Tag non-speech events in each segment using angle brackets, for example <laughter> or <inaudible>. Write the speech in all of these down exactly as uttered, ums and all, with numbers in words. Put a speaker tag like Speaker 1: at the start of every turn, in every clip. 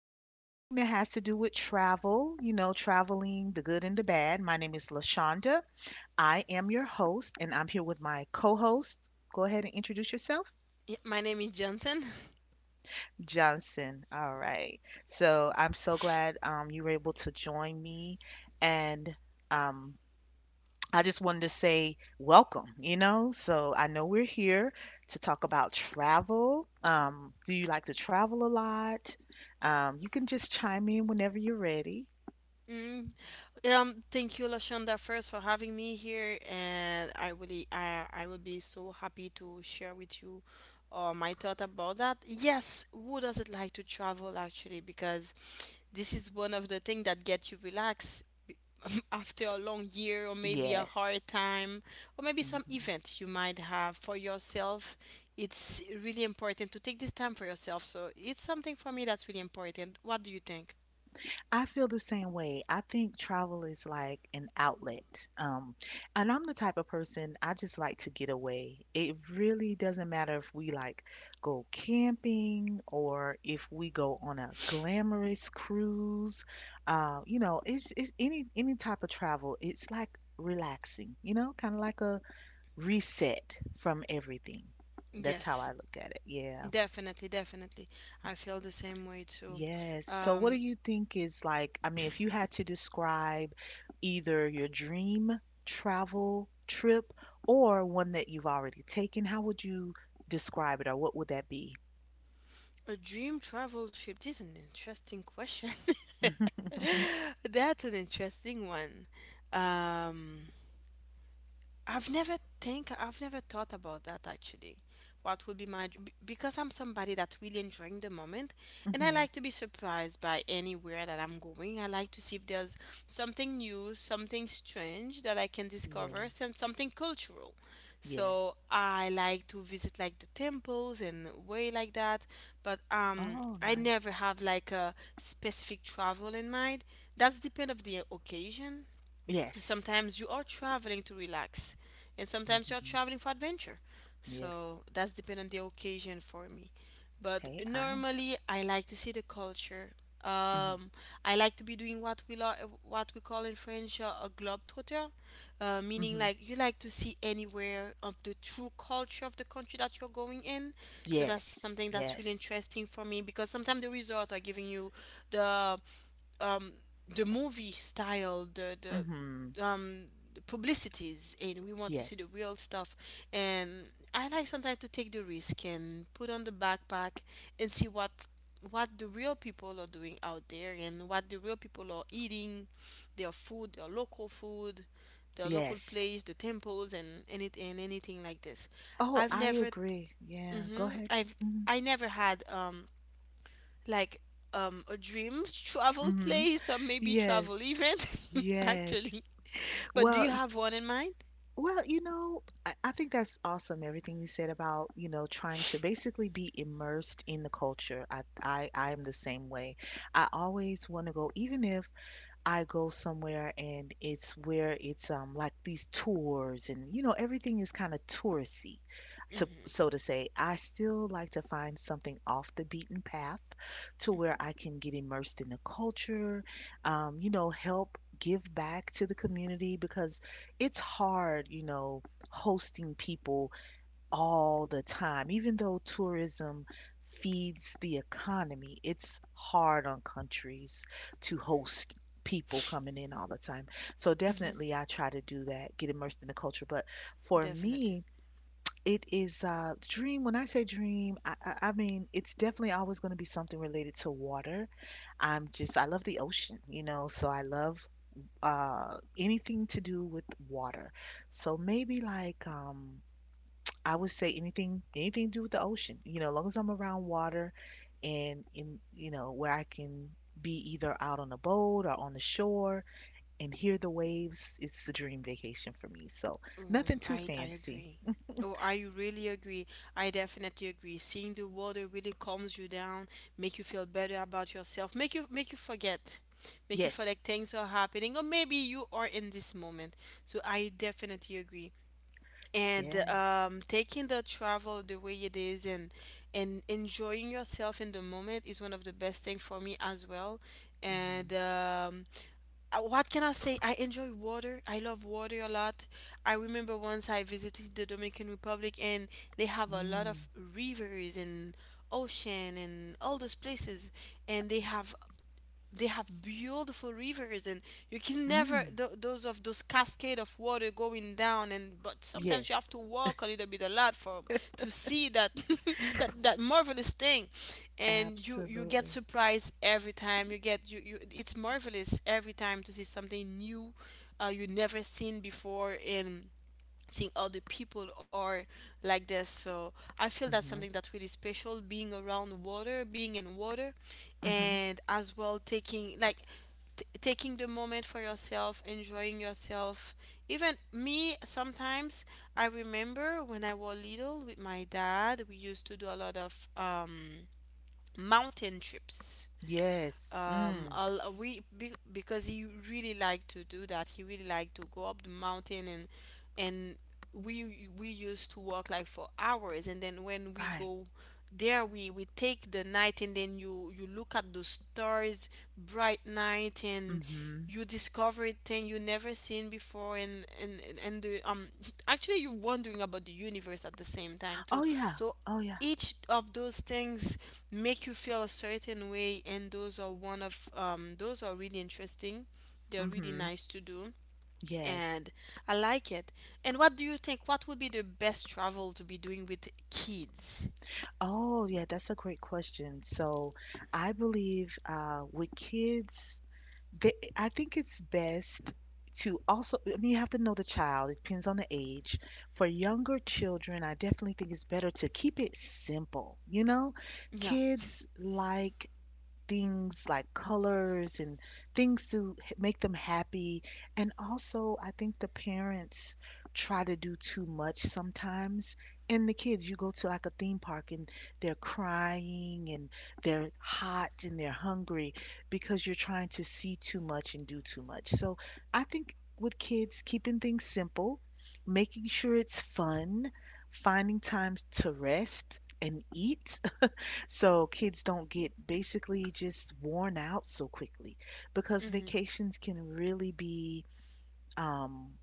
Speaker 1: you know, anything that has to do with travel, you know, traveling, the good and the bad. My name is LaShonda. I am your host, and I'm here with my co host. Go ahead and introduce yourself,
Speaker 2: Yeah, my name is Johnson.
Speaker 1: Johnson. All right. So I'm so glad um, you were able to join me. And um, I just wanted to say welcome, you know? So I know we're here to talk about travel. Um, do you like to travel a lot? Um, you can just chime in whenever you're ready.
Speaker 2: Mm. Um, thank you, Lashonda, first for having me here, and I really, I, I will be so happy to share with you uh, my thought about that. Yes, who doesn't like to travel actually? Because this is one of the things that get you relaxed <clears throat> after a long year or maybe a
Speaker 1: Yes.
Speaker 2: hard time or maybe some event you might have for yourself. It's really important to take this time for yourself. So it's something for me that's really important. What do you think?
Speaker 1: I feel the same way. I think travel is like an outlet. Um, and I'm the type of person, I just like to get away. It really doesn't matter if we like go camping or if we go on a glamorous cruise. Uh, you know, it's, it's any any type of travel. It's like relaxing, you know, kind of like a reset from everything. That's how I
Speaker 2: Yes.
Speaker 1: look at it. Yeah.
Speaker 2: Definitely, definitely. I feel the same way too.
Speaker 1: Yes. So what do
Speaker 2: Um,
Speaker 1: you think is, like, I mean, if you had to describe either your dream travel trip or one that you've already taken, how would you describe it or what would that be?
Speaker 2: a dream travel trip, this is an interesting question.
Speaker 1: <laughs>
Speaker 2: <laughs> That's an interesting one. Um, I've never think I've never thought about that actually. What would be my dr- b- Because I'm somebody that's really enjoying the moment, and I
Speaker 1: Mhm.
Speaker 2: like to be surprised by anywhere that I'm going. I like to see if there's something new, something strange that I can discover,
Speaker 1: Yes.
Speaker 2: some something cultural.
Speaker 1: Yes.
Speaker 2: So I like to visit like the temples and way like that, but um
Speaker 1: Oh,
Speaker 2: I
Speaker 1: nice.
Speaker 2: never have like a specific travel in mind. That's depend of the occasion.
Speaker 1: Yes.
Speaker 2: Sometimes you are traveling to relax, and sometimes you're
Speaker 1: Hmm.
Speaker 2: traveling for adventure,
Speaker 1: Yes.
Speaker 2: so that's depend on the occasion for me. But
Speaker 1: Hey, I.
Speaker 2: normally, I like to see the culture.
Speaker 1: Hmm.
Speaker 2: um, I like to be doing what we lo- what we call in French, uh, a globetrotter, uh, meaning
Speaker 1: Hmm.
Speaker 2: like you like to see anywhere of the true culture of the country that you're going in. So that's
Speaker 1: Yes.
Speaker 2: something that's really
Speaker 1: Yes.
Speaker 2: interesting for me, because sometimes the resort are giving you the um, the movie style, the
Speaker 1: Hmm.
Speaker 2: the um, the publicities, and we want to see the
Speaker 1: Yes.
Speaker 2: real stuff. And I like sometimes to take the risk and put on the backpack and see what what the real people are doing out there and what the real people are eating, their food, their local food, their local
Speaker 1: Yes.
Speaker 2: place, the temples, and any and anything like this.
Speaker 1: Oh,
Speaker 2: I've
Speaker 1: I
Speaker 2: never,
Speaker 1: agree. Yeah. Go
Speaker 2: hmm
Speaker 1: ahead.
Speaker 2: I've
Speaker 1: Hmm.
Speaker 2: I never had um like um a dream travel
Speaker 1: Hmm.
Speaker 2: place or maybe
Speaker 1: Yes.
Speaker 2: travel event, <laughs>
Speaker 1: Yes.
Speaker 2: actually. But do
Speaker 1: Well,
Speaker 2: you
Speaker 1: y-
Speaker 2: have one in mind?
Speaker 1: well, you know, I, I think that's awesome. Everything you said about, you know, trying to basically be immersed in the culture. I, I, I am the same way. I always want to go, even if I go somewhere and it's where it's um like these tours, and you know everything is kind of touristy, to so to say. I still like to find something off the beaten path to where I can get immersed in the culture, um, you know help give back to the community, because it's hard, you know hosting people all the time, even though tourism feeds the economy. It's hard on countries to host people coming in all the time. So definitely I try to do that, get immersed in the culture, but for
Speaker 2: Definitely.
Speaker 1: me it is uh dream. When I say dream, I, I, I mean it's definitely always going to be something related to water. I'm just I love the ocean, you know, so I love uh anything to do with water. So maybe like um I would say anything anything to do with the ocean, you know, as long as I'm around water and in, you know where I can be either out on a boat or on the shore and hear the waves, it's the dream vacation for me. So
Speaker 2: um
Speaker 1: nothing too
Speaker 2: i i
Speaker 1: fancy.
Speaker 2: agree. Oh, I really agree. I definitely agree, seeing the water really calms you down, make you feel better about yourself, make you make you forget, make you feel
Speaker 1: Yes.
Speaker 2: like things are happening, or maybe you are in this moment. So I definitely agree. And
Speaker 1: Yes.
Speaker 2: um, taking the travel the way it is and and enjoying yourself in the moment is one of the best thing for me as well. And
Speaker 1: Mhm.
Speaker 2: um, uh, what can I say, I enjoy water, I love water a lot. I remember once I visited the Dominican Republic, and they have a lot
Speaker 1: Mm.
Speaker 2: of rivers and ocean and all those places, and they have they have beautiful rivers, and you can never
Speaker 1: Mm.
Speaker 2: th- those of those cascade of water going down. And But sometimes you
Speaker 1: Yes,
Speaker 2: have to walk a little bit a lot for to see that, <laughs> that that marvelous thing, and you you get
Speaker 1: absolutely.
Speaker 2: surprised every time you get you, you it's marvelous every time to see something new, uh, you never seen before, and seeing other people are like this, so I feel that's something
Speaker 1: Mhm.
Speaker 2: that's really special, being around water, being in water,
Speaker 1: Mhm.
Speaker 2: and as well taking like t- taking the moment for yourself, enjoying yourself. Even me sometimes, I remember when I was little with my dad, we used to do a lot of um mountain trips.
Speaker 1: Yes.
Speaker 2: Um
Speaker 1: Mm.
Speaker 2: I'll, uh, we be, because he really liked to do that, he really liked to go up the mountain, and and we we used to walk like for hours, and then when we
Speaker 1: Right.
Speaker 2: go there, we we take the night, and then you you look at the stars, bright night, and
Speaker 1: Mhm.
Speaker 2: you discover thing you never seen before, and and and and the um actually you're wondering about the universe at the same time
Speaker 1: Oh
Speaker 2: too.
Speaker 1: yeah.
Speaker 2: So
Speaker 1: Oh yeah.
Speaker 2: each of those things make you feel a certain way, and those are one of um those are really interesting, they're really
Speaker 1: Mhm.
Speaker 2: nice to do.
Speaker 1: Yes.
Speaker 2: And I like it. And what do you think, what would be the best travel to be doing with kids?
Speaker 1: Oh yeah, that's a great question. So, I believe uh with kids, they, I think it's best to also, I mean, you have to know the child. It depends on the age. For younger children, I definitely think it's better to keep it simple. You know,
Speaker 2: Yeah.
Speaker 1: kids like things like colors and things to h- make them happy. And also, I think the parents try to do too much sometimes. And the kids, you go to like a theme park and they're crying and they're hot and they're hungry because you're trying to see too much and do too much. So I think with kids, keeping things simple, making sure it's fun, finding times to rest and eat so kids don't get basically just worn out so quickly, because
Speaker 2: Mm-hmm.
Speaker 1: vacations can really be, um,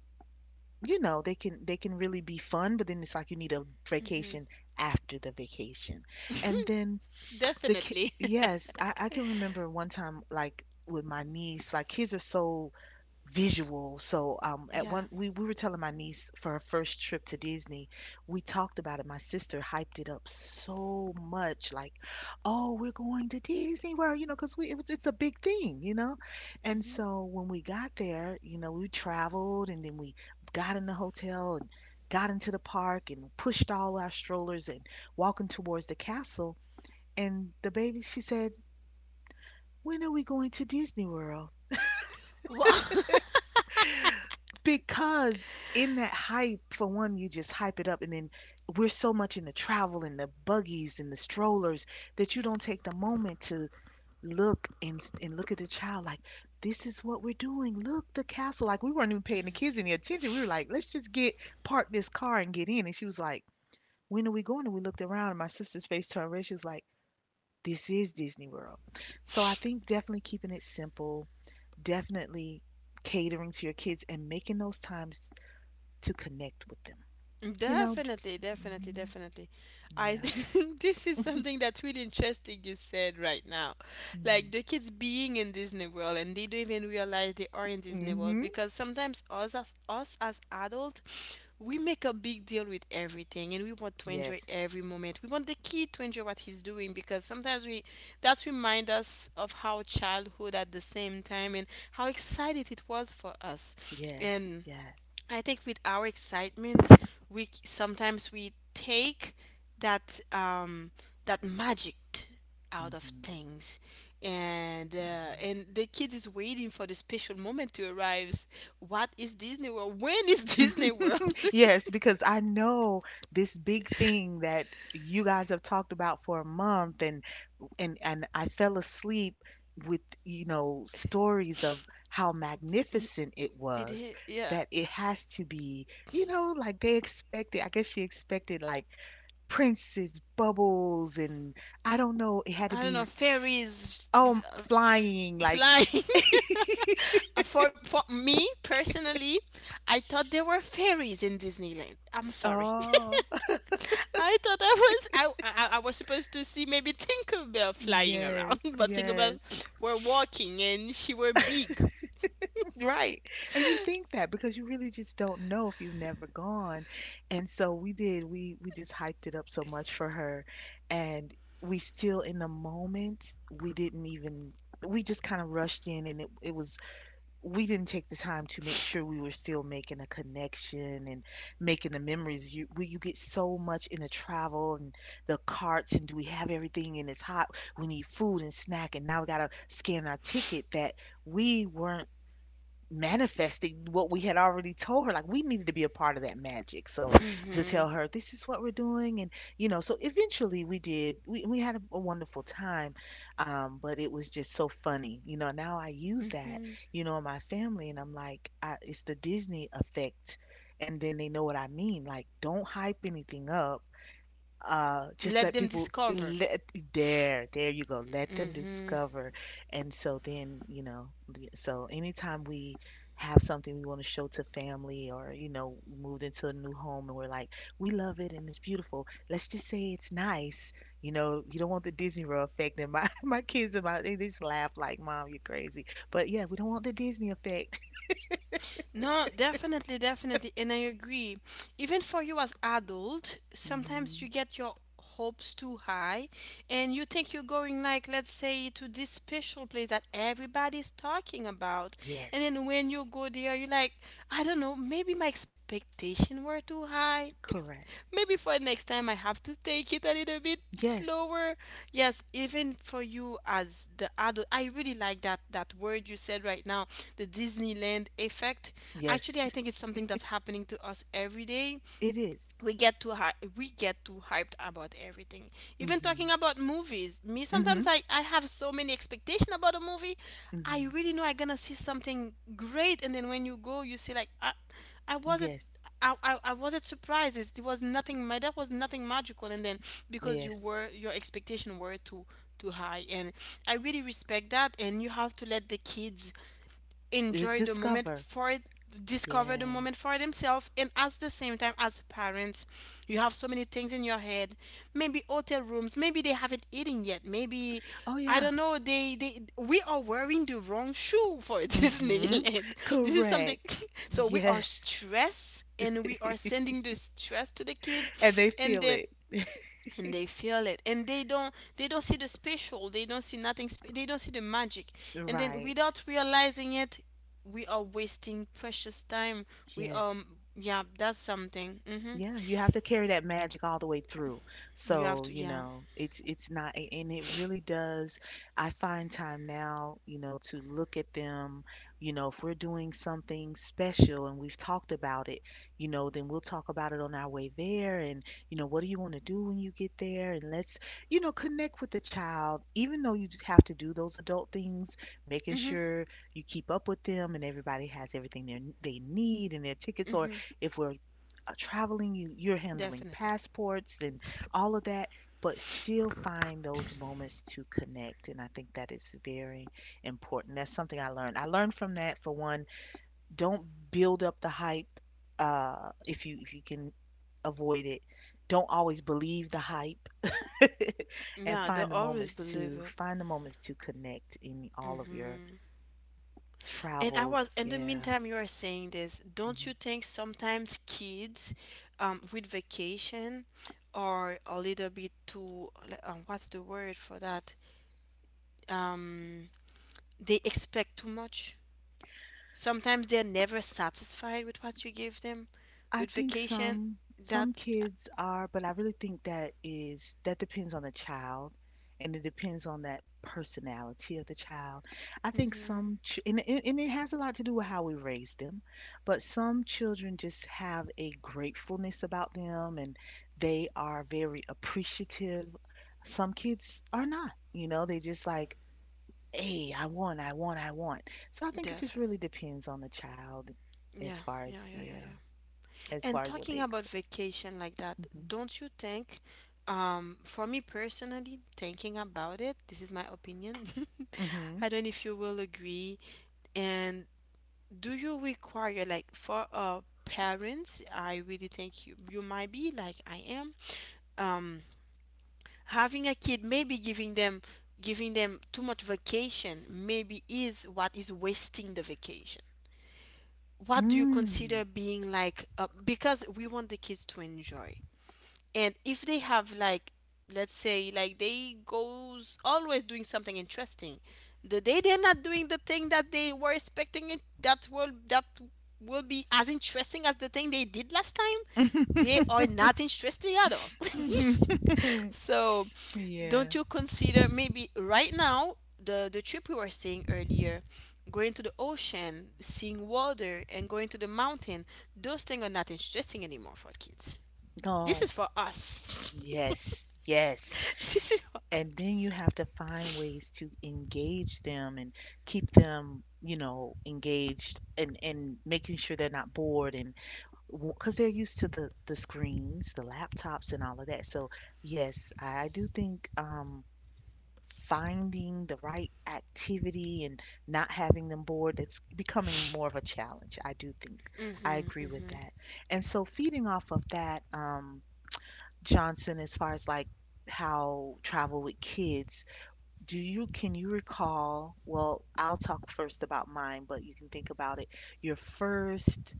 Speaker 1: you know, they can they can really be fun, but then it's like you need a
Speaker 2: Mm-hmm.
Speaker 1: vacation after the vacation. And then the ki
Speaker 2: Definitely.
Speaker 1: yes, I, I can remember one time, like with my niece, like kids are so visual. So um
Speaker 2: <laughs>
Speaker 1: at
Speaker 2: Yeah.
Speaker 1: one, we, we were telling my niece for her first trip to Disney, we talked about it. My sister hyped it up so much, like, oh, we're going to Disney World, you know, because we it was, it's a big thing, you know. And
Speaker 2: Mm-hmm.
Speaker 1: so when we got there, you know, we traveled and then we got in the hotel and got into the park and pushed all our strollers and walking towards the castle. And the baby, she said, "When are we going to Disney World?"
Speaker 2: Wow.
Speaker 1: Because in that hype, for one, you just hype it up, and then we're so much in the travel and the buggies and the strollers that you don't take the moment to look and and look at the child, like, this is what we're doing, look, the castle. Like, we weren't even paying the kids any attention, we were like, let's just get park this car and get in, and she was like, when are we going? And we looked around, and my sister's face turned red, she was like, this is Disney World. So I think definitely keeping it simple, definitely catering to your kids and making those times to connect with them. You know?
Speaker 2: Definitely, definitely,
Speaker 1: Hmm.
Speaker 2: definitely. I <laughs>
Speaker 1: Yeah.
Speaker 2: think this is something that's really interesting you said right now.
Speaker 1: Mm-hmm.
Speaker 2: Like the kids being in Disney World and they don't even realize they are in Disney World,
Speaker 1: Hmm.
Speaker 2: because sometimes us as us as adults, we make a big deal with everything and we want to enjoy
Speaker 1: Yes.
Speaker 2: every moment. We want the kid to enjoy what he's doing, because sometimes we that remind us of how childhood at the same time, and how excited it was for us.
Speaker 1: Yes.
Speaker 2: And
Speaker 1: Yes.
Speaker 2: I think with our excitement, we c- sometimes we take that um, that magic t- out of
Speaker 1: Hmm.
Speaker 2: things, and uh,
Speaker 1: Hmm.
Speaker 2: and the kid is waiting for the special moment to arrive. What is Disney World? When is <laughs> Disney World?
Speaker 1: Yes, because I know this big thing that you guys have talked about for a month, and and and I fell asleep with, you know, stories of how magnificent it
Speaker 2: It
Speaker 1: was.
Speaker 2: is, yeah.
Speaker 1: That it has to be, you know, like they expected. I guess she expected like Prince's bubbles, and I don't know, it had to
Speaker 2: I don't
Speaker 1: be,
Speaker 2: know, fairies,
Speaker 1: oh,
Speaker 2: uh,
Speaker 1: flying, like.
Speaker 2: flying. <laughs>
Speaker 1: <laughs>
Speaker 2: Uh, for for me personally, I thought there were fairies in Disneyland. I'm sorry.
Speaker 1: Oh,
Speaker 2: I thought I was I, I I was supposed to see maybe Tinkerbell flying around,
Speaker 1: yes,
Speaker 2: <laughs> but Tinkerbell
Speaker 1: yes,
Speaker 2: were walking and she were big.
Speaker 1: right. And you think that because you really just don't know if you've never gone. And so we did. We we just hyped it up so much for her, and we still in the moment. We didn't even. We just kind of rushed in, and it it was, we didn't take the time to make sure we were still making a connection and making the memories. You we- you get so much in the travel and the carts and do we have everything and it's hot. We need food and snack and now we gotta scan our ticket that we weren't manifesting what we had already told her. Like we needed to be a part of that magic. So to tell
Speaker 2: Hmm.
Speaker 1: her this is what we're doing, and you know, so eventually we did. We we had a, a wonderful time, um, but it was just so funny. You know, now I use that. You know, in my family, and I'm like, I, it's the Disney effect. And then they know what I mean. Like, don't hype anything up, uh just
Speaker 2: Let
Speaker 1: let
Speaker 2: them
Speaker 1: people,
Speaker 2: discover.
Speaker 1: let there there you go, let them
Speaker 2: Hmm.
Speaker 1: discover. And so then you know the- so anytime we have something we want to show to family, or you know moved into a new home, and we're like, we love it and it's beautiful, let's just say it's nice. you know you don't want the Disney World effect. And my <laughs> my kids and my they just laugh like, mom, you're crazy. But yeah, we don't want the Disney effect.
Speaker 2: No, definitely, definitely, and I agree. Even for you as adult,
Speaker 1: <laughs>
Speaker 2: sometimes
Speaker 1: Hmm.
Speaker 2: you get your hopes too high and you think you're going like let's say to this special place that everybody's talking about. And
Speaker 1: Yes.
Speaker 2: then when you go there, you're like, I don't know, maybe my expectation were too high. <laughs>
Speaker 1: Correct.
Speaker 2: Maybe for next time I have to take it a little bit
Speaker 1: Yes.
Speaker 2: slower. Yes, even for you as the adult, I really like that that word you said right now, the Disneyland effect.
Speaker 1: Yes,
Speaker 2: Actually, I think it's something that's happening to us every day.
Speaker 1: it is.
Speaker 2: We get too hy- we get too hyped about everything, even
Speaker 1: Mm-hmm.
Speaker 2: talking about movies, me sometimes
Speaker 1: Mm-hmm.
Speaker 2: i i have so many expectation about a movie. I
Speaker 1: Mm-hmm.
Speaker 2: really know I gonna see something great, and then when you go you see like, i I wasn't —
Speaker 1: Yes,
Speaker 2: I, I, I wasn't surprised. It's- It was nothing. My That was nothing magical. And then because you
Speaker 1: yes.
Speaker 2: were, your expectation were too too high, and I really respect that. And you have to let the kids
Speaker 1: Uh,
Speaker 2: enjoy the moment
Speaker 1: Discover.
Speaker 2: for it discover the
Speaker 1: Yes.
Speaker 2: moment for themselves, and at the same time as parents, you have so many things in your head, maybe hotel rooms, maybe they haven't eaten yet, maybe
Speaker 1: Oh
Speaker 2: I
Speaker 1: yeah.
Speaker 2: don't know, they they we are wearing the wrong shoe for <laughs>
Speaker 1: Mm-hmm.
Speaker 2: Disneyland. This is something.
Speaker 1: Correct.
Speaker 2: <laughs> So we are
Speaker 1: Yes.
Speaker 2: stressed, and we are
Speaker 1: <laughs>
Speaker 2: sending the stress to the kid,
Speaker 1: And they
Speaker 2: and
Speaker 1: feel
Speaker 2: then
Speaker 1: it.
Speaker 2: and they feel it, and they don't they don't see the special, they don't see nothing spe- they don't see the magic. And then
Speaker 1: Right.
Speaker 2: without realizing it, we are wasting precious time. We
Speaker 1: Yes.
Speaker 2: um Yeah, that's something. Mm-hmm.
Speaker 1: Yeah, you have to carry that magic all the way through.
Speaker 2: You have
Speaker 1: So,
Speaker 2: to,
Speaker 1: you
Speaker 2: yeah.
Speaker 1: know, it's it's not a- and it really does. I find time now, you know, to look at them, you know, if we're doing something special and we've talked about it, you know, then we'll talk about it on our way there, and, you know, what do you want to do when you get there? And let's, you know, connect with the child, even though you just have to do those adult things, making
Speaker 2: Mm-hmm.
Speaker 1: sure you keep up with them and everybody has everything they they need, and their tickets, or
Speaker 2: Mm-hmm.
Speaker 1: if we're uh, traveling, you, you're handling
Speaker 2: Definitely.
Speaker 1: passports and all of that, but still find those moments to connect. And I think that is very important. That's something I learned. I learned from that, for one, don't build up the hype, uh, if you if you can avoid it. Don't always believe the hype. <laughs> And
Speaker 2: Yeah, they
Speaker 1: find the
Speaker 2: always
Speaker 1: moments
Speaker 2: believe
Speaker 1: to
Speaker 2: it.
Speaker 1: find the moments to connect in all of your
Speaker 2: Mm-hmm. And I
Speaker 1: travels.
Speaker 2: was in the
Speaker 1: Yeah.
Speaker 2: meantime you are saying this, don't
Speaker 1: Mhm.
Speaker 2: you think sometimes kids um with vacation are a little bit too like, um, what's the word for that, um they expect too much. Sometimes they're never satisfied with what you give them
Speaker 1: I
Speaker 2: with
Speaker 1: think
Speaker 2: vacation.
Speaker 1: some
Speaker 2: That,
Speaker 1: some kids are, but I really think that is, that depends on the child, and it depends on that personality of the child. I think
Speaker 2: mm-hmm,
Speaker 1: some ch and it, and it has a lot to do with how we raise them, but some children just have a gratefulness about them and they are very appreciative. Some kids are not, you know, they just like, "Hey, I want, I want, I want." So I think it just
Speaker 2: definitely.
Speaker 1: really depends on the child
Speaker 2: Yeah,
Speaker 1: as far
Speaker 2: yeah,
Speaker 1: as,
Speaker 2: yeah, yeah,
Speaker 1: yeah,
Speaker 2: yeah.
Speaker 1: as
Speaker 2: And
Speaker 1: far as what
Speaker 2: talking
Speaker 1: they.
Speaker 2: about vacation like that, don't you think, um, for me personally, thinking about it, this is my opinion. <laughs> I
Speaker 1: Mhm.
Speaker 2: don't know if you will agree. And do you require, like, for uh, parents, I really think you, you might be like I am. Um, Having a kid maybe giving them giving them too much vacation maybe is what is wasting the vacation. What do you
Speaker 1: Mhm. Mm.
Speaker 2: consider being like, uh, because we want the kids to enjoy. And if they have like, let's say like they goes always doing something interesting, the day they're not doing the thing that they were expecting it, that will that will be as interesting as the thing they did last time, they
Speaker 1: <laughs>
Speaker 2: are not interesting at all. <laughs>
Speaker 1: Mhm.
Speaker 2: So
Speaker 1: <laughs> Yeah.
Speaker 2: don't you consider maybe right now the the trip we were saying earlier, going to the ocean, seeing water and going to the mountain, those things are not interesting anymore for kids. This
Speaker 1: Oh,
Speaker 2: is for us.
Speaker 1: yes. Yes.
Speaker 2: <laughs> This is for
Speaker 1: And then you
Speaker 2: us.
Speaker 1: have to find ways to engage them and keep them, you know, engaged and and making sure they're not bored and because they're used to the the screens, the laptops and all of that. So, yes, I do think um finding the right activity and not having them bored, it's becoming more of a challenge. I do think I
Speaker 2: Mm-hmm,
Speaker 1: agree with
Speaker 2: mm-hmm,
Speaker 1: that. And so, feeding off of that, um, Johnson, as far as like how travel with kids, do you can you recall? Well, I'll talk first about mine, but you can think about it. Your first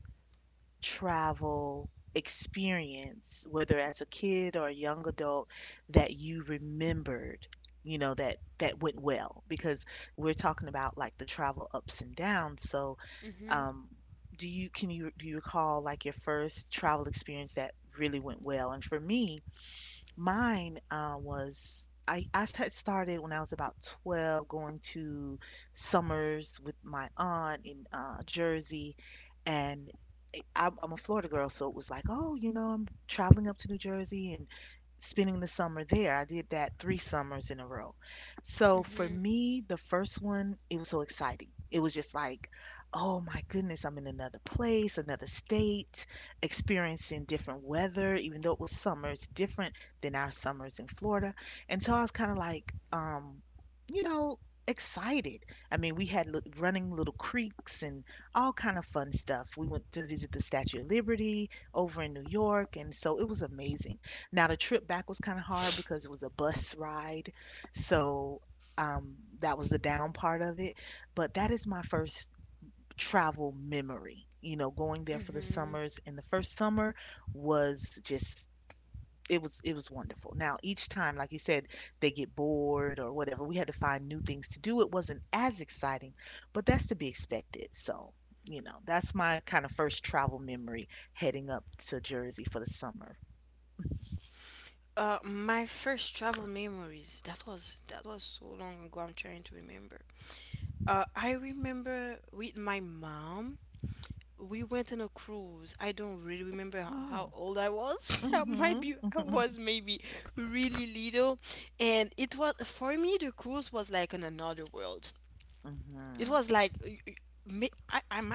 Speaker 1: travel experience, whether as a kid or a young adult, that you remembered, you know, that that went well? Because we're talking about like the travel ups and downs. So,
Speaker 2: mm-hmm,
Speaker 1: um, do you can you do you recall like your first travel experience that really went well? And for me, mine uh, was I, I had started when I was about twelve, going to summers with my aunt in uh, Jersey, and I, I'm I'm a Florida girl, so it was like, oh, you know, I'm traveling up to New Jersey and spending the summer there. I did that three summers in a row. So for
Speaker 2: mm-hmm,
Speaker 1: me, the first one, it was so exciting. It was just like, oh my goodness, I'm in another place, another state, experiencing different weather, even though it was summer, it's different than our summers in Florida. And so I was kind of like, um, you know, excited. I mean, we had li- running little creeks and all kind of fun stuff. We went to visit the Statue of Liberty over in New York, and so it was amazing. Now the trip back was kind of hard because it was a bus ride, so um, that was the down part of it. But that is my first travel memory. You know, going there for the
Speaker 2: mm-hmm.
Speaker 1: summers, and the first summer was just it was it was wonderful. Now each time, like you said, they get bored or whatever. We had to find new things to do. It wasn't as exciting, but that's to be expected. So, you know, that's my kind of first travel memory heading up to Jersey for the summer.
Speaker 2: Uh my first travel memories, that was that was so long ago, I'm trying to remember. uh I remember with my mom we went on a cruise. I don't really remember h- how
Speaker 1: Oh.
Speaker 2: old I was. <laughs> I might
Speaker 1: Mhm.
Speaker 2: be I
Speaker 1: Hmm.
Speaker 2: was maybe really little, and it was for me the cruise was like in another world. It
Speaker 1: Mhm.
Speaker 2: was like y- y- may- I I, mi-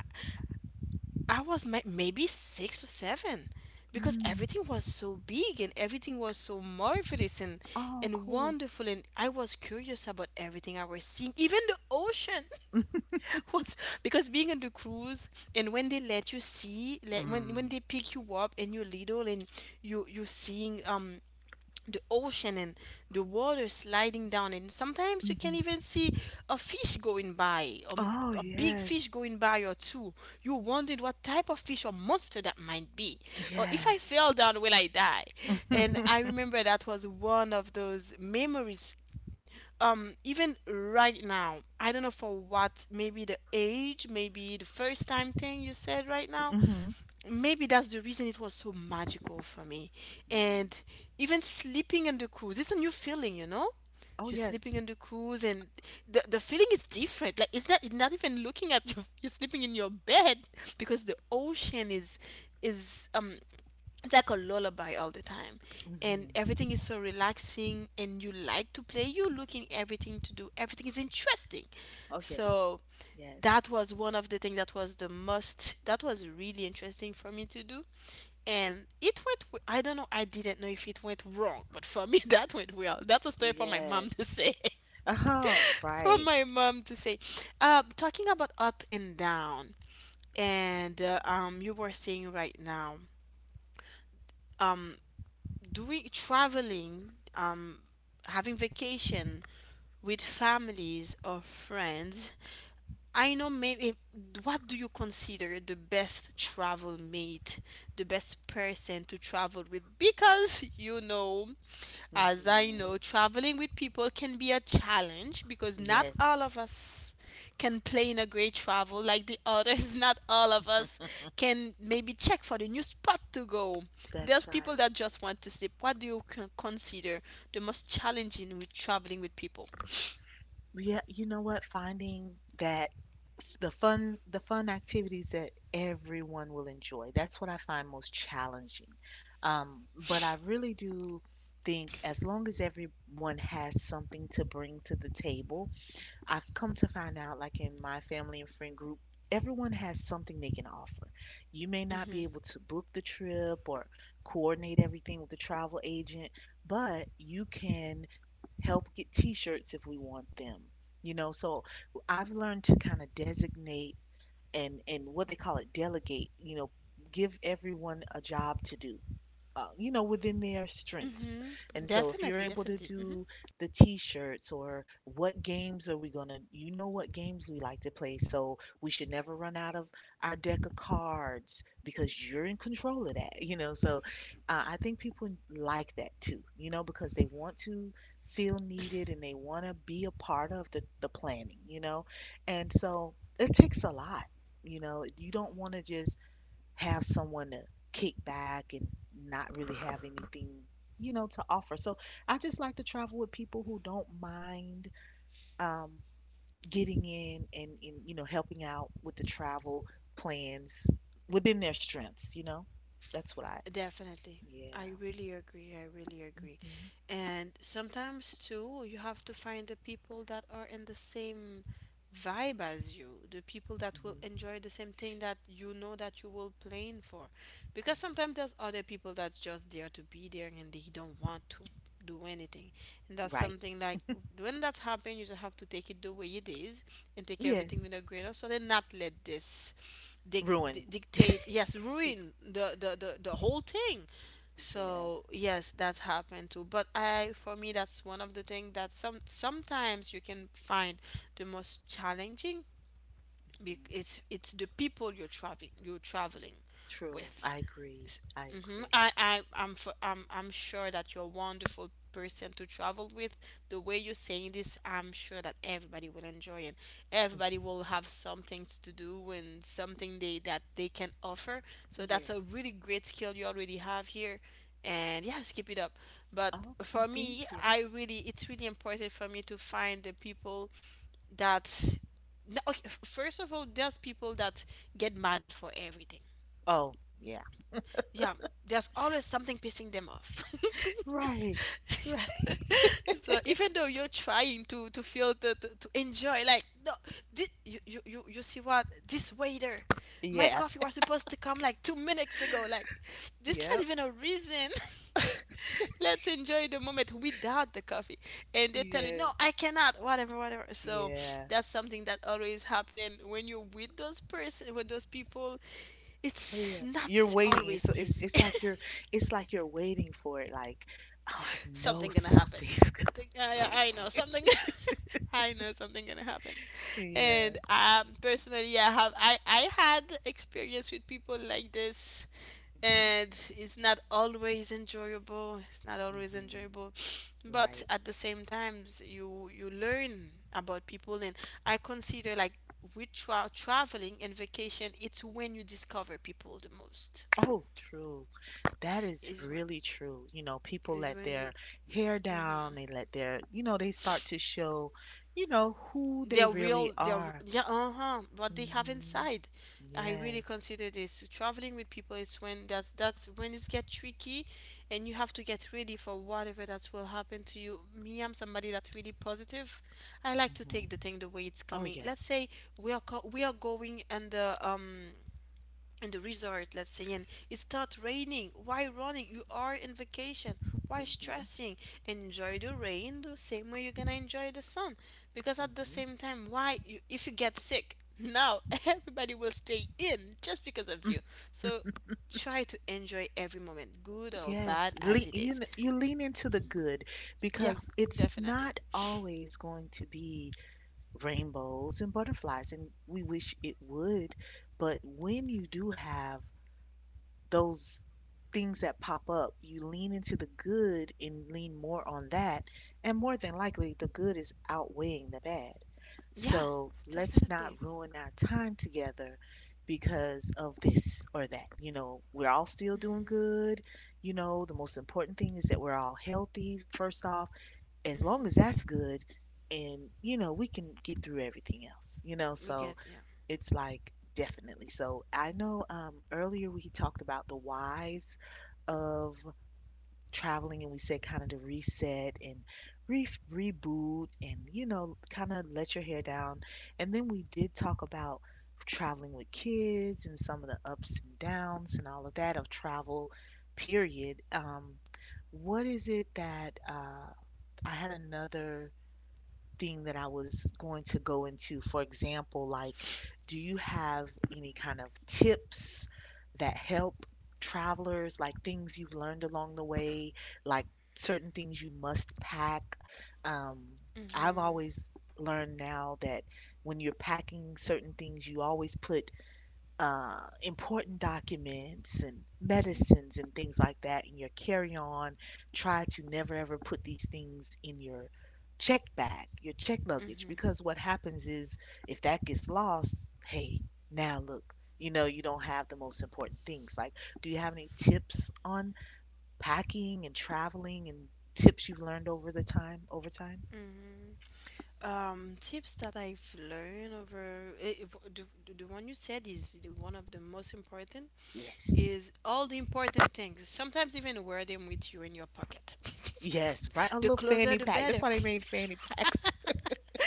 Speaker 2: I was mi- maybe six or seven, because
Speaker 1: Mm.
Speaker 2: everything
Speaker 1: <laughs>
Speaker 2: was so big and everything was so marvelous and
Speaker 1: Oh,
Speaker 2: and
Speaker 1: cool.
Speaker 2: wonderful, and I was curious about everything I was seeing, even the ocean. <laughs> What? Because being on the cruise, and when they let you see, like, when when
Speaker 1: Mm.
Speaker 2: they pick you up and you're little, and you you're seeing um the ocean, and the water sliding down, and sometimes you can
Speaker 1: Mhm.
Speaker 2: even see a fish going by, um,
Speaker 1: Oh,
Speaker 2: a big fish
Speaker 1: yes.
Speaker 2: going by or two. You wondered what type of fish or monster that might be, or if I
Speaker 1: Yes.
Speaker 2: fell down, will I die? And I
Speaker 1: <laughs>
Speaker 2: remember that was one of those memories, um even right now. I don't know for what. Maybe the age, maybe the first time thing you said right now.
Speaker 1: hmm. Mm.
Speaker 2: Maybe that's the reason it was so magical for me. And even sleeping on the cruise, it's a new feeling you know
Speaker 1: Oh,
Speaker 2: You're
Speaker 1: yes.
Speaker 2: sleeping on the cruise, and the, the feeling is different. Like, it's not it's not even looking at you. <laughs> You're sleeping in your bed. <laughs> Because the ocean is is um it's like a lullaby all the time, and
Speaker 1: Mhm.
Speaker 2: everything is so relaxing, and you like to play, you looking everything to do, everything is interesting.
Speaker 1: Oh, yes.
Speaker 2: So
Speaker 1: Yes.
Speaker 2: that was one of the things that was the most that was really interesting for me to do. And it went w- i don't know I didn't know if it went wrong, but for me, <laughs> that went well. That's a story for my mom
Speaker 1: Yes.
Speaker 2: to say.
Speaker 1: Oh,
Speaker 2: <laughs> For
Speaker 1: right.
Speaker 2: my mom to say. uh, talking about up and down, and uh, um, you were saying right now, um, doing traveling, um, having vacation with families or friends. I know, maybe, what do you consider the best travel mate, the best person to travel with? Because you know, as I
Speaker 1: Hmm.
Speaker 2: know, traveling with people can be a challenge because not
Speaker 1: Yes.
Speaker 2: all of us can plan a great travel like the others. <laughs> Not all of us
Speaker 1: <laughs>
Speaker 2: can maybe check for the new spot to go.
Speaker 1: That's
Speaker 2: There's people
Speaker 1: right.
Speaker 2: that just want to sleep. What do you con- consider the most challenging with traveling with people?
Speaker 1: Yeah, you know what? Finding that f- the fun the fun activities that everyone will enjoy. That's what I find most challenging. Um, but I really do think as long as everyone has something to bring to the table, I've come to find out, like in my family and friend group, everyone has something they can offer. You may not be
Speaker 2: Mm-hmm.
Speaker 1: able to book the trip or coordinate everything with the travel agent, but you can help get t shirts if we want them. You know, so I've learned to kind of designate and, and what they call it, delegate, you know, give everyone a job to do uh, you know, within their strengths.
Speaker 2: Mm-hmm.
Speaker 1: And so if you're
Speaker 2: Definitely,
Speaker 1: able to
Speaker 2: definitely. Mm-hmm.
Speaker 1: do the t-shirts or what games are we gonna, you know what games we like to play, so we should never run out of our deck of cards because you're in control of that, you know. So uh, I think people like that too, you know, because they want to feel needed and they want to be a part of the, the planning, you know. And so it takes a lot. You know, you don't want to just have someone to kick back and not really have anything, you know, to offer. So I just like to travel with people who don't mind um, getting in and, and, you know, helping out with the travel plans within their strengths, you know? That's what I,
Speaker 2: Definitely. I
Speaker 1: yeah.
Speaker 2: really agree. I really agree.
Speaker 1: Hmm.
Speaker 2: And sometimes, too, you have to find the people that are in the same vibe as you, the people that will
Speaker 1: Hmm.
Speaker 2: enjoy the same thing that you know that you will plan for. Because sometimes there's
Speaker 1: Hmm.
Speaker 2: other people that's just there to be there and they don't want to do anything. And that's
Speaker 1: Right.
Speaker 2: something like, when that's happened, you just have to take it the way it is and take everything
Speaker 1: Yes.
Speaker 2: with a grain of salt and not let this dic-
Speaker 1: Ruin.
Speaker 2: di- dictate yes, ruin the, the the the whole thing.
Speaker 1: Yeah.
Speaker 2: So yes, that's happened too. But I for me, that's one of the things that some sometimes you can find the most challenging, bec-
Speaker 1: Hmm.
Speaker 2: it's it's the people you're traveling you're traveling
Speaker 1: True.
Speaker 2: with.
Speaker 1: I agree. I
Speaker 2: Mm-hmm.
Speaker 1: agree.
Speaker 2: I, I, I'm, f am I'm I'm sure that you're a wonderful person to travel with. The way you're saying this, I'm sure that everybody will enjoy it.
Speaker 1: Hmm.
Speaker 2: Everybody will have something to do and something they that they can offer. So that's a
Speaker 1: Yes.
Speaker 2: really great skill you already have here. And yes, keep it up. But for
Speaker 1: Okay.
Speaker 2: me,
Speaker 1: Thank you.
Speaker 2: I really, it's really important for me to find the people that, no, okay, f- first of all, there's people that get mad for everything.
Speaker 1: Oh, yeah.
Speaker 2: Yeah, there's always something pissing them off. <laughs>
Speaker 1: Right. Right.
Speaker 2: So even though you're trying to to feel, to, to, to enjoy, like, no, thi- you, you you you see what this waiter. My
Speaker 1: Yeah.
Speaker 2: coffee was supposed to come like two minutes ago, like, this not
Speaker 1: Yep.
Speaker 2: even a reason. <laughs> Let's enjoy the moment without the coffee, and they tell you
Speaker 1: Yes.
Speaker 2: no, I cannot, whatever, whatever. So
Speaker 1: Yeah.
Speaker 2: that's something that always happen, and when you're with those person with those people,
Speaker 1: Oh,
Speaker 2: it's
Speaker 1: yeah.
Speaker 2: not
Speaker 1: You're waiting. It's
Speaker 2: always
Speaker 1: it's
Speaker 2: easy.
Speaker 1: it's like
Speaker 2: <laughs>
Speaker 1: you're it's like you're waiting for it. Like, oh, I know
Speaker 2: Something
Speaker 1: <laughs>
Speaker 2: gonna happen.
Speaker 1: something's. go-
Speaker 2: I think- I, I know something. <laughs> I know something gonna happen.
Speaker 1: Yeah.
Speaker 2: And um, personally, I have I I had experience with people like this,
Speaker 1: Mhm.
Speaker 2: and it's not always enjoyable. It's not always
Speaker 1: Mhm.
Speaker 2: enjoyable, but
Speaker 1: Right.
Speaker 2: at the same time, you you learn about people, and I consider, like, with tra- traveling and vacation, it's when you discover people the most.
Speaker 1: Oh, true. That is
Speaker 2: Is when
Speaker 1: really true. You know, people
Speaker 2: is
Speaker 1: let
Speaker 2: when you.
Speaker 1: their hair down.
Speaker 2: Mhm.
Speaker 1: They let their, you know, they start to show, you know, who they
Speaker 2: their
Speaker 1: really
Speaker 2: real their
Speaker 1: are.
Speaker 2: yeah, uh-huh, what they have
Speaker 1: Mhm.
Speaker 2: inside. I really
Speaker 1: Yes.
Speaker 2: consider this, traveling with people, it's when, that's that's when it gets tricky, and you have to get ready for whatever that will happen to you. Me, I'm somebody that's really positive. I like to take
Speaker 1: Mhm.
Speaker 2: the thing the way it's
Speaker 1: Oh,
Speaker 2: coming. Let's
Speaker 1: yes.
Speaker 2: say we are co- we are going, and, um in the resort, let's say, and it starts raining. Why running? You are in vacation. Why
Speaker 1: Mhm.
Speaker 2: stressing? Enjoy the rain the same way you're gonna enjoy the sun. Because at the
Speaker 1: Mhm.
Speaker 2: same time, why you, if you get sick now, <laughs> everybody will stay in just because of you. So try to enjoy every moment, good or
Speaker 1: Yes,
Speaker 2: bad as
Speaker 1: lean,
Speaker 2: it
Speaker 1: you
Speaker 2: is.
Speaker 1: kn- you lean into the good
Speaker 2: Yeah,
Speaker 1: because it's
Speaker 2: definitely.
Speaker 1: not always going to be rainbows and butterflies, and we wish it would. But when you do have those things that pop up, you lean into the good and lean more on that. And more than likely, the good is outweighing the bad.
Speaker 2: Yeah,
Speaker 1: So let's
Speaker 2: definitely.
Speaker 1: not ruin our time together because of this or that. You know, we're all still doing
Speaker 2: Mm-hmm,
Speaker 1: good. You know, the most important thing is that we're all healthy, first off. As long as
Speaker 2: mm-hmm.
Speaker 1: that's good, and, you know, we can get through everything else, you know.
Speaker 2: We get
Speaker 1: So
Speaker 2: yeah.
Speaker 1: it's like definitely. So I know um, earlier we talked about the whys of traveling and we said kind of to reset and re reboot and you know kind of let your hair down. And then we did talk about traveling with kids and some of the ups and downs and all of that of travel, period. Um, what is it that uh, I had another thing that I was going to go into. For example, like, do you have any kind of tips that help travelers, like things you've learned along the way, like certain things you must pack? Um, I've
Speaker 2: Mhm.
Speaker 1: always learned now that when you're packing certain things, you always put uh, important documents and
Speaker 2: Mhm.
Speaker 1: medicines and things like that in your carry-on. Try to never ever put these things in your check bag, your check luggage,
Speaker 2: Mhm.
Speaker 1: because what happens is if that gets lost, hey, now look, you know, you don't have the most important things. Like, do you have any tips on packing and traveling and tips you've learned over the time, over time?
Speaker 2: Mhm. Um, tips that I've learned over, eh, eh, the, the one you said is the one of the most important,
Speaker 1: Yes.
Speaker 2: is all the important things. Sometimes even wear them with you in your pocket.
Speaker 1: Yes, right. A
Speaker 2: <laughs> The
Speaker 1: little
Speaker 2: closer
Speaker 1: fanny
Speaker 2: the
Speaker 1: pack. That's
Speaker 2: better.
Speaker 1: why they made fanny packs.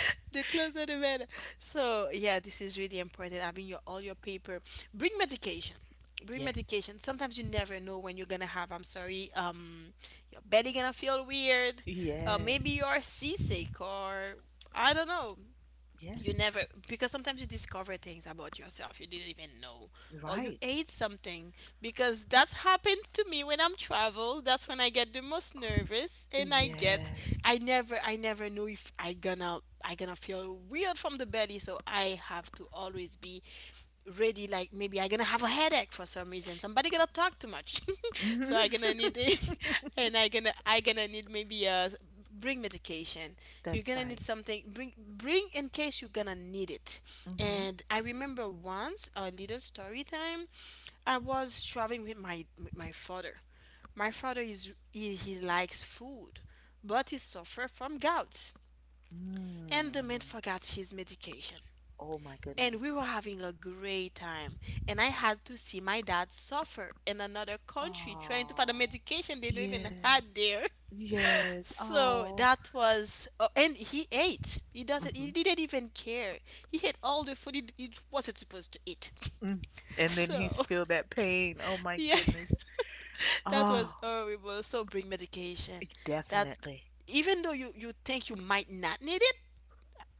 Speaker 2: <laughs> The closer the better. So yeah, this is really important. Having your all your paper. Bring medication. Bring
Speaker 1: Yes.
Speaker 2: medication. Sometimes you never know when you're gonna have. I'm sorry. Um, your belly gonna feel weird. Uh,
Speaker 1: Yes.
Speaker 2: maybe you're seasick, or I don't know. You
Speaker 1: Yes.
Speaker 2: never Because sometimes you discover things about yourself you didn't even know, or you
Speaker 1: Right.
Speaker 2: ate something, because that's happened to me. When I'm travel, that's when I get the most nervous, and i get
Speaker 1: Yes.
Speaker 2: i
Speaker 1: <laughs>
Speaker 2: never i never know if i gonna i gonna feel weird from the belly. So I have to always be really, like, maybe I gonna have a headache for some reason, somebody gonna talk too much. <laughs> So I gonna need it. <laughs> And i gonna i gonna need, maybe, uh bring medication. You're
Speaker 1: That's
Speaker 2: gonna need
Speaker 1: right.
Speaker 2: something, bring bring, in case you're gonna need it.
Speaker 1: Mm-hmm.
Speaker 2: And I remember once, a little story time, I was traveling with my with my father. My father is he, he likes food, but he suffer from gout, and the man
Speaker 1: Mm-hmm.
Speaker 2: forgot his medication,
Speaker 1: Oh my goodness.
Speaker 2: and we were having a great time. And I had to see my dad suffer in another country, trying to find a
Speaker 1: Oh.
Speaker 2: medication they don't even
Speaker 1: Yes.
Speaker 2: had there. <laughs>
Speaker 1: Yes.
Speaker 2: So
Speaker 1: Oh.
Speaker 2: that was, oh, and he ate. He doesn't.
Speaker 1: Mm-hmm.
Speaker 2: He didn't even care. He ate all the food he, he wasn't supposed to eat.
Speaker 1: Mm.
Speaker 2: <laughs>
Speaker 1: And then he's
Speaker 2: So
Speaker 1: feel that pain. Oh my
Speaker 2: yeah,
Speaker 1: goodness.
Speaker 2: <laughs> that
Speaker 1: Oh,
Speaker 2: was horrible. So bring medication. That,
Speaker 1: definitely.
Speaker 2: even though you you think you might not need it,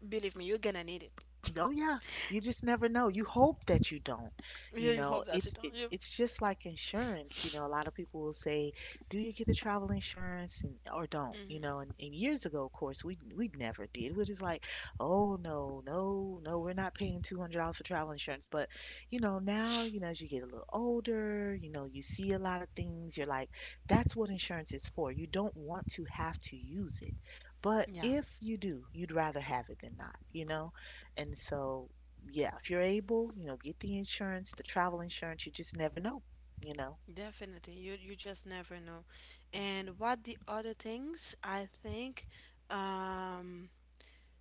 Speaker 2: believe me, you're gonna need it.
Speaker 1: Oh yeah, you just never know. You hope that you don't.
Speaker 2: <laughs> You
Speaker 1: You
Speaker 2: you
Speaker 1: know,
Speaker 2: hope that you
Speaker 1: it's
Speaker 2: don't.
Speaker 1: it,
Speaker 2: You,
Speaker 1: it's just like insurance. You know, a lot of people will say, "Do you get the travel insurance and or don't?" You know, and, and years ago, of course, we we never did. We're just like, "Oh no, no, no, we're not paying two hundred dollars for travel insurance." But you know, now you know as you get a little older, you know, you see a lot of things. You're like, "That's what insurance is for. You don't want to have to use it." But
Speaker 2: yeah.
Speaker 1: if you do, you'd rather have it than not, you know? And so, yeah, if you're able, you know, get the insurance, the travel insurance, you just never know, you know.
Speaker 2: Definitely, you you just never know.
Speaker 1: Mhm.
Speaker 2: And what the other things? I think, um,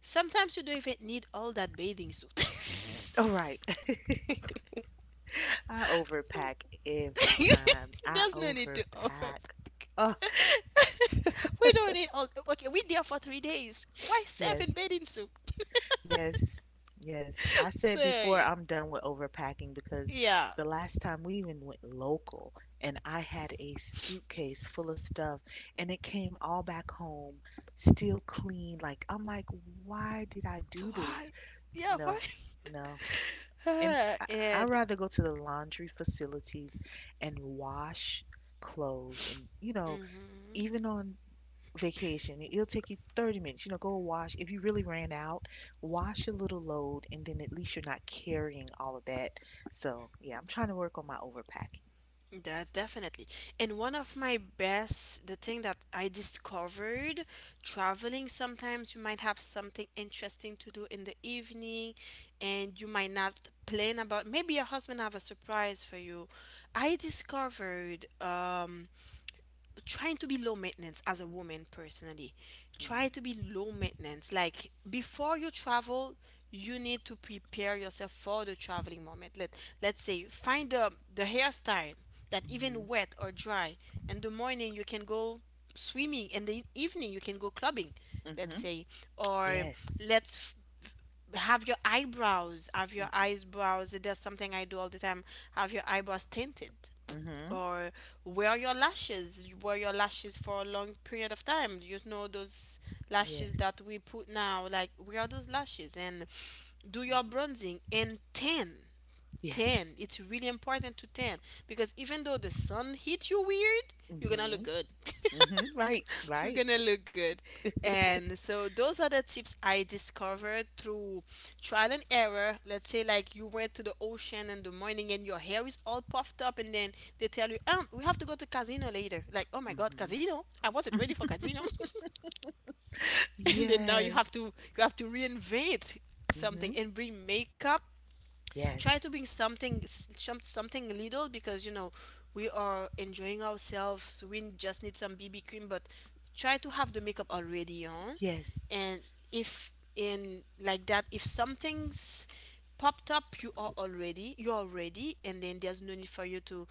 Speaker 2: sometimes you don't even need all that bathing suit. <laughs>
Speaker 1: All right. <laughs> I
Speaker 2: So
Speaker 1: overpack
Speaker 2: <laughs>
Speaker 1: every time. I
Speaker 2: there's no need to overpack.
Speaker 1: overpack. Oh,
Speaker 2: <laughs> We don't need all. Okay, we there for three days. Why
Speaker 1: yes,
Speaker 2: seven bathing suit?
Speaker 1: yes, yes. I
Speaker 2: So
Speaker 1: said before
Speaker 2: yeah,
Speaker 1: I'm done with overpacking because
Speaker 2: yeah.
Speaker 1: the last time we even went local and I had a suitcase full of stuff and it came all back home still clean. Like, I'm like, why did I do this?
Speaker 2: Why? Yeah, why?
Speaker 1: No,
Speaker 2: <laughs>
Speaker 1: no. And
Speaker 2: Uh,
Speaker 1: I- I'd
Speaker 2: and.
Speaker 1: rather go to the laundry facilities and wash clothes. And, you know,
Speaker 2: Mhm.
Speaker 1: even on vacation, it- it'll take you thirty minutes. You know, go wash. If you really ran out, wash a little load, and then at least you're not carrying all of that. So, yeah, I'm trying to work on my overpacking.
Speaker 2: That's definitely. And one of my best, the thing that I discovered traveling, sometimes you might have something interesting to do in the evening, and you might not plan about, maybe your husband have a surprise for you. I discovered, um trying to be low maintenance as a woman personally. Try to be low maintenance, like, before you travel, you need to prepare yourself for the traveling moment. Let let's say find the the hairstyle that,
Speaker 1: Mm-hmm.
Speaker 2: even wet or dry, in the morning you can go swimming, in the evening you can go clubbing, let's
Speaker 1: Mm-hmm.
Speaker 2: say. Or
Speaker 1: Yes.
Speaker 2: let's f- have your eyebrows have your
Speaker 1: Mm-hmm.
Speaker 2: eyebrows, there's something I do all the time, have your eyebrows tinted.
Speaker 1: Mm-hmm.
Speaker 2: Or wear your lashes. You wear your lashes for a long period of time. You know those
Speaker 1: Yes.
Speaker 2: lashes that we put now, like, wear those lashes, and do your
Speaker 1: Mm-hmm.
Speaker 2: bronzing and tan
Speaker 1: Yes.
Speaker 2: tan it's really important to tan, because even though the sun hit you weird, you're gonna
Speaker 1: Mm-hmm.
Speaker 2: look good.
Speaker 1: Mm-hmm. Right.
Speaker 2: You're
Speaker 1: Right.
Speaker 2: gonna look good. And so those are the tips I discovered through trial and error. Let's say, like, you went to the ocean in the morning and your hair is all puffed up, and then they tell you, um, we have to go to casino later. Like, oh my god,
Speaker 1: Mm-hmm.
Speaker 2: casino? I wasn't ready for casino. <laughs> And then now you
Speaker 1: Yes.
Speaker 2: have to you have to reinvent something,
Speaker 1: Hmm.
Speaker 2: and bring makeup. Try to
Speaker 1: Yes.
Speaker 2: bring something s- some, something little, because you know we are enjoying ourselves, so we just need some bb cream. But try to have the makeup already on,
Speaker 1: Yes.
Speaker 2: and if in, like, that, if something's popped up, you are already you are ready, and then there's no need for you to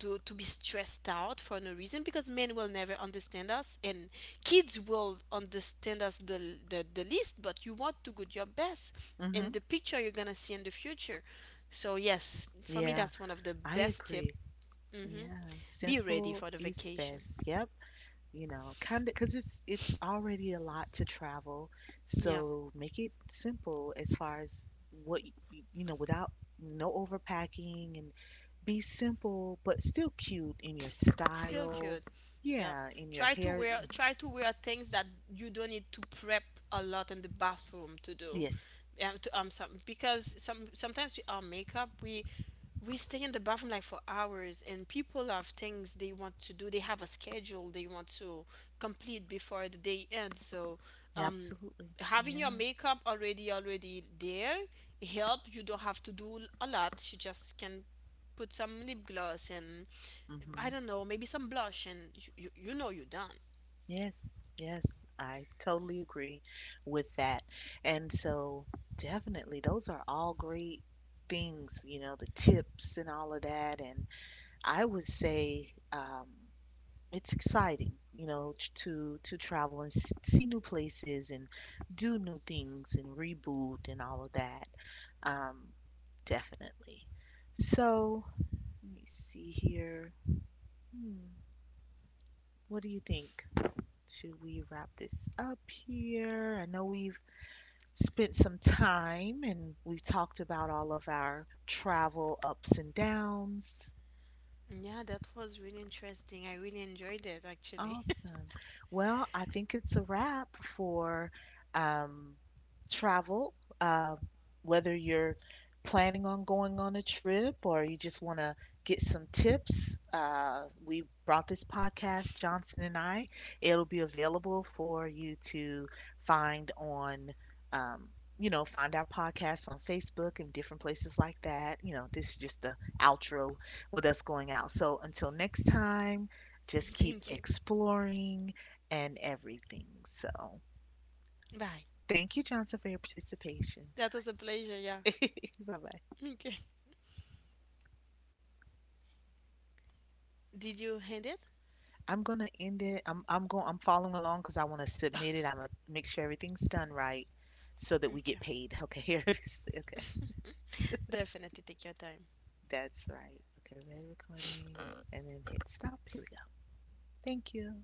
Speaker 2: to, to be stressed out for no reason, because men will never understand us, and kids will understand us the, the, the least, but you want to do your best in
Speaker 1: Hmm.
Speaker 2: the picture you're gonna see in the future. So yes, for me,
Speaker 1: Yeah,
Speaker 2: that's one of the
Speaker 1: I
Speaker 2: best tip.
Speaker 1: agree.
Speaker 2: Hmm.
Speaker 1: Yeah,
Speaker 2: Be ready
Speaker 1: simple
Speaker 2: for the
Speaker 1: is
Speaker 2: vacation.
Speaker 1: best. Yep. You know, kind of because it's it's already a lot to travel,
Speaker 2: Yeah.
Speaker 1: so make it simple as far as what y- y- you know, without no overpacking and be simple but still cute in your
Speaker 2: Still
Speaker 1: style.
Speaker 2: cute. Yeah.
Speaker 1: Yeah, in your
Speaker 2: Try to
Speaker 1: hair.
Speaker 2: wear
Speaker 1: y-
Speaker 2: try to wear things that you don't need to prep a lot in the bathroom to do.
Speaker 1: Yes,
Speaker 2: Yeah, to um some because some sometimes we, our makeup, we we stay in the bathroom like for hours, and people have things they want to do. They have a schedule they want to complete before the day ends. So um
Speaker 1: absolutely.
Speaker 2: having your
Speaker 1: Yeah.
Speaker 2: makeup already already there help, you don't have to do a lot. You just can put some lip gloss and, I
Speaker 1: Hmm.
Speaker 2: don't know, maybe some blush, and you, you, you know you're done.
Speaker 1: Yes, yes, I totally agree with that. And so, definitely, those are all great things, you know, the tips and all of that. And I would say um, it's exciting, you know, t- to to travel and s- see new places and do new things and reboot and all of that. Um, Definitely. So, let me see here. Hmm, what do you think? Should we wrap this up here? I know we've spent some time and we've talked about all of our travel ups and downs.
Speaker 2: Yeah, that was really interesting. I really enjoyed it, actually.
Speaker 1: Awesome. Well, I think it's a wrap for um, travel, uh, whether you're planning on going on a trip or you just want to get some tips. Uh, we brought this podcast, Johnson and I. It'll be available for you to find on, um, you know, find our podcast on Facebook and different places like that. You know, this is just the outro with us going out. So until next time just
Speaker 2: <laughs>
Speaker 1: keep
Speaker 2: Thank you.
Speaker 1: exploring and everything. So,
Speaker 2: Bye.
Speaker 1: thank you, Johnson, for your participation.
Speaker 2: That was a pleasure, yeah.
Speaker 1: <laughs> Bye bye.
Speaker 2: <laughs> Okay. Did you hand it?
Speaker 1: I'm gonna end it. I'm I'm going. I'm following along because I want to
Speaker 2: <laughs>
Speaker 1: submit it. I'm
Speaker 2: Sorry.
Speaker 1: gonna make sure everything's done right so that we
Speaker 2: Okay.
Speaker 1: get paid. Okay, <laughs> here. is- okay,
Speaker 2: Definitely take your time.
Speaker 1: that's right. Okay, red recording, and then hit stop. Here we go. Thank you.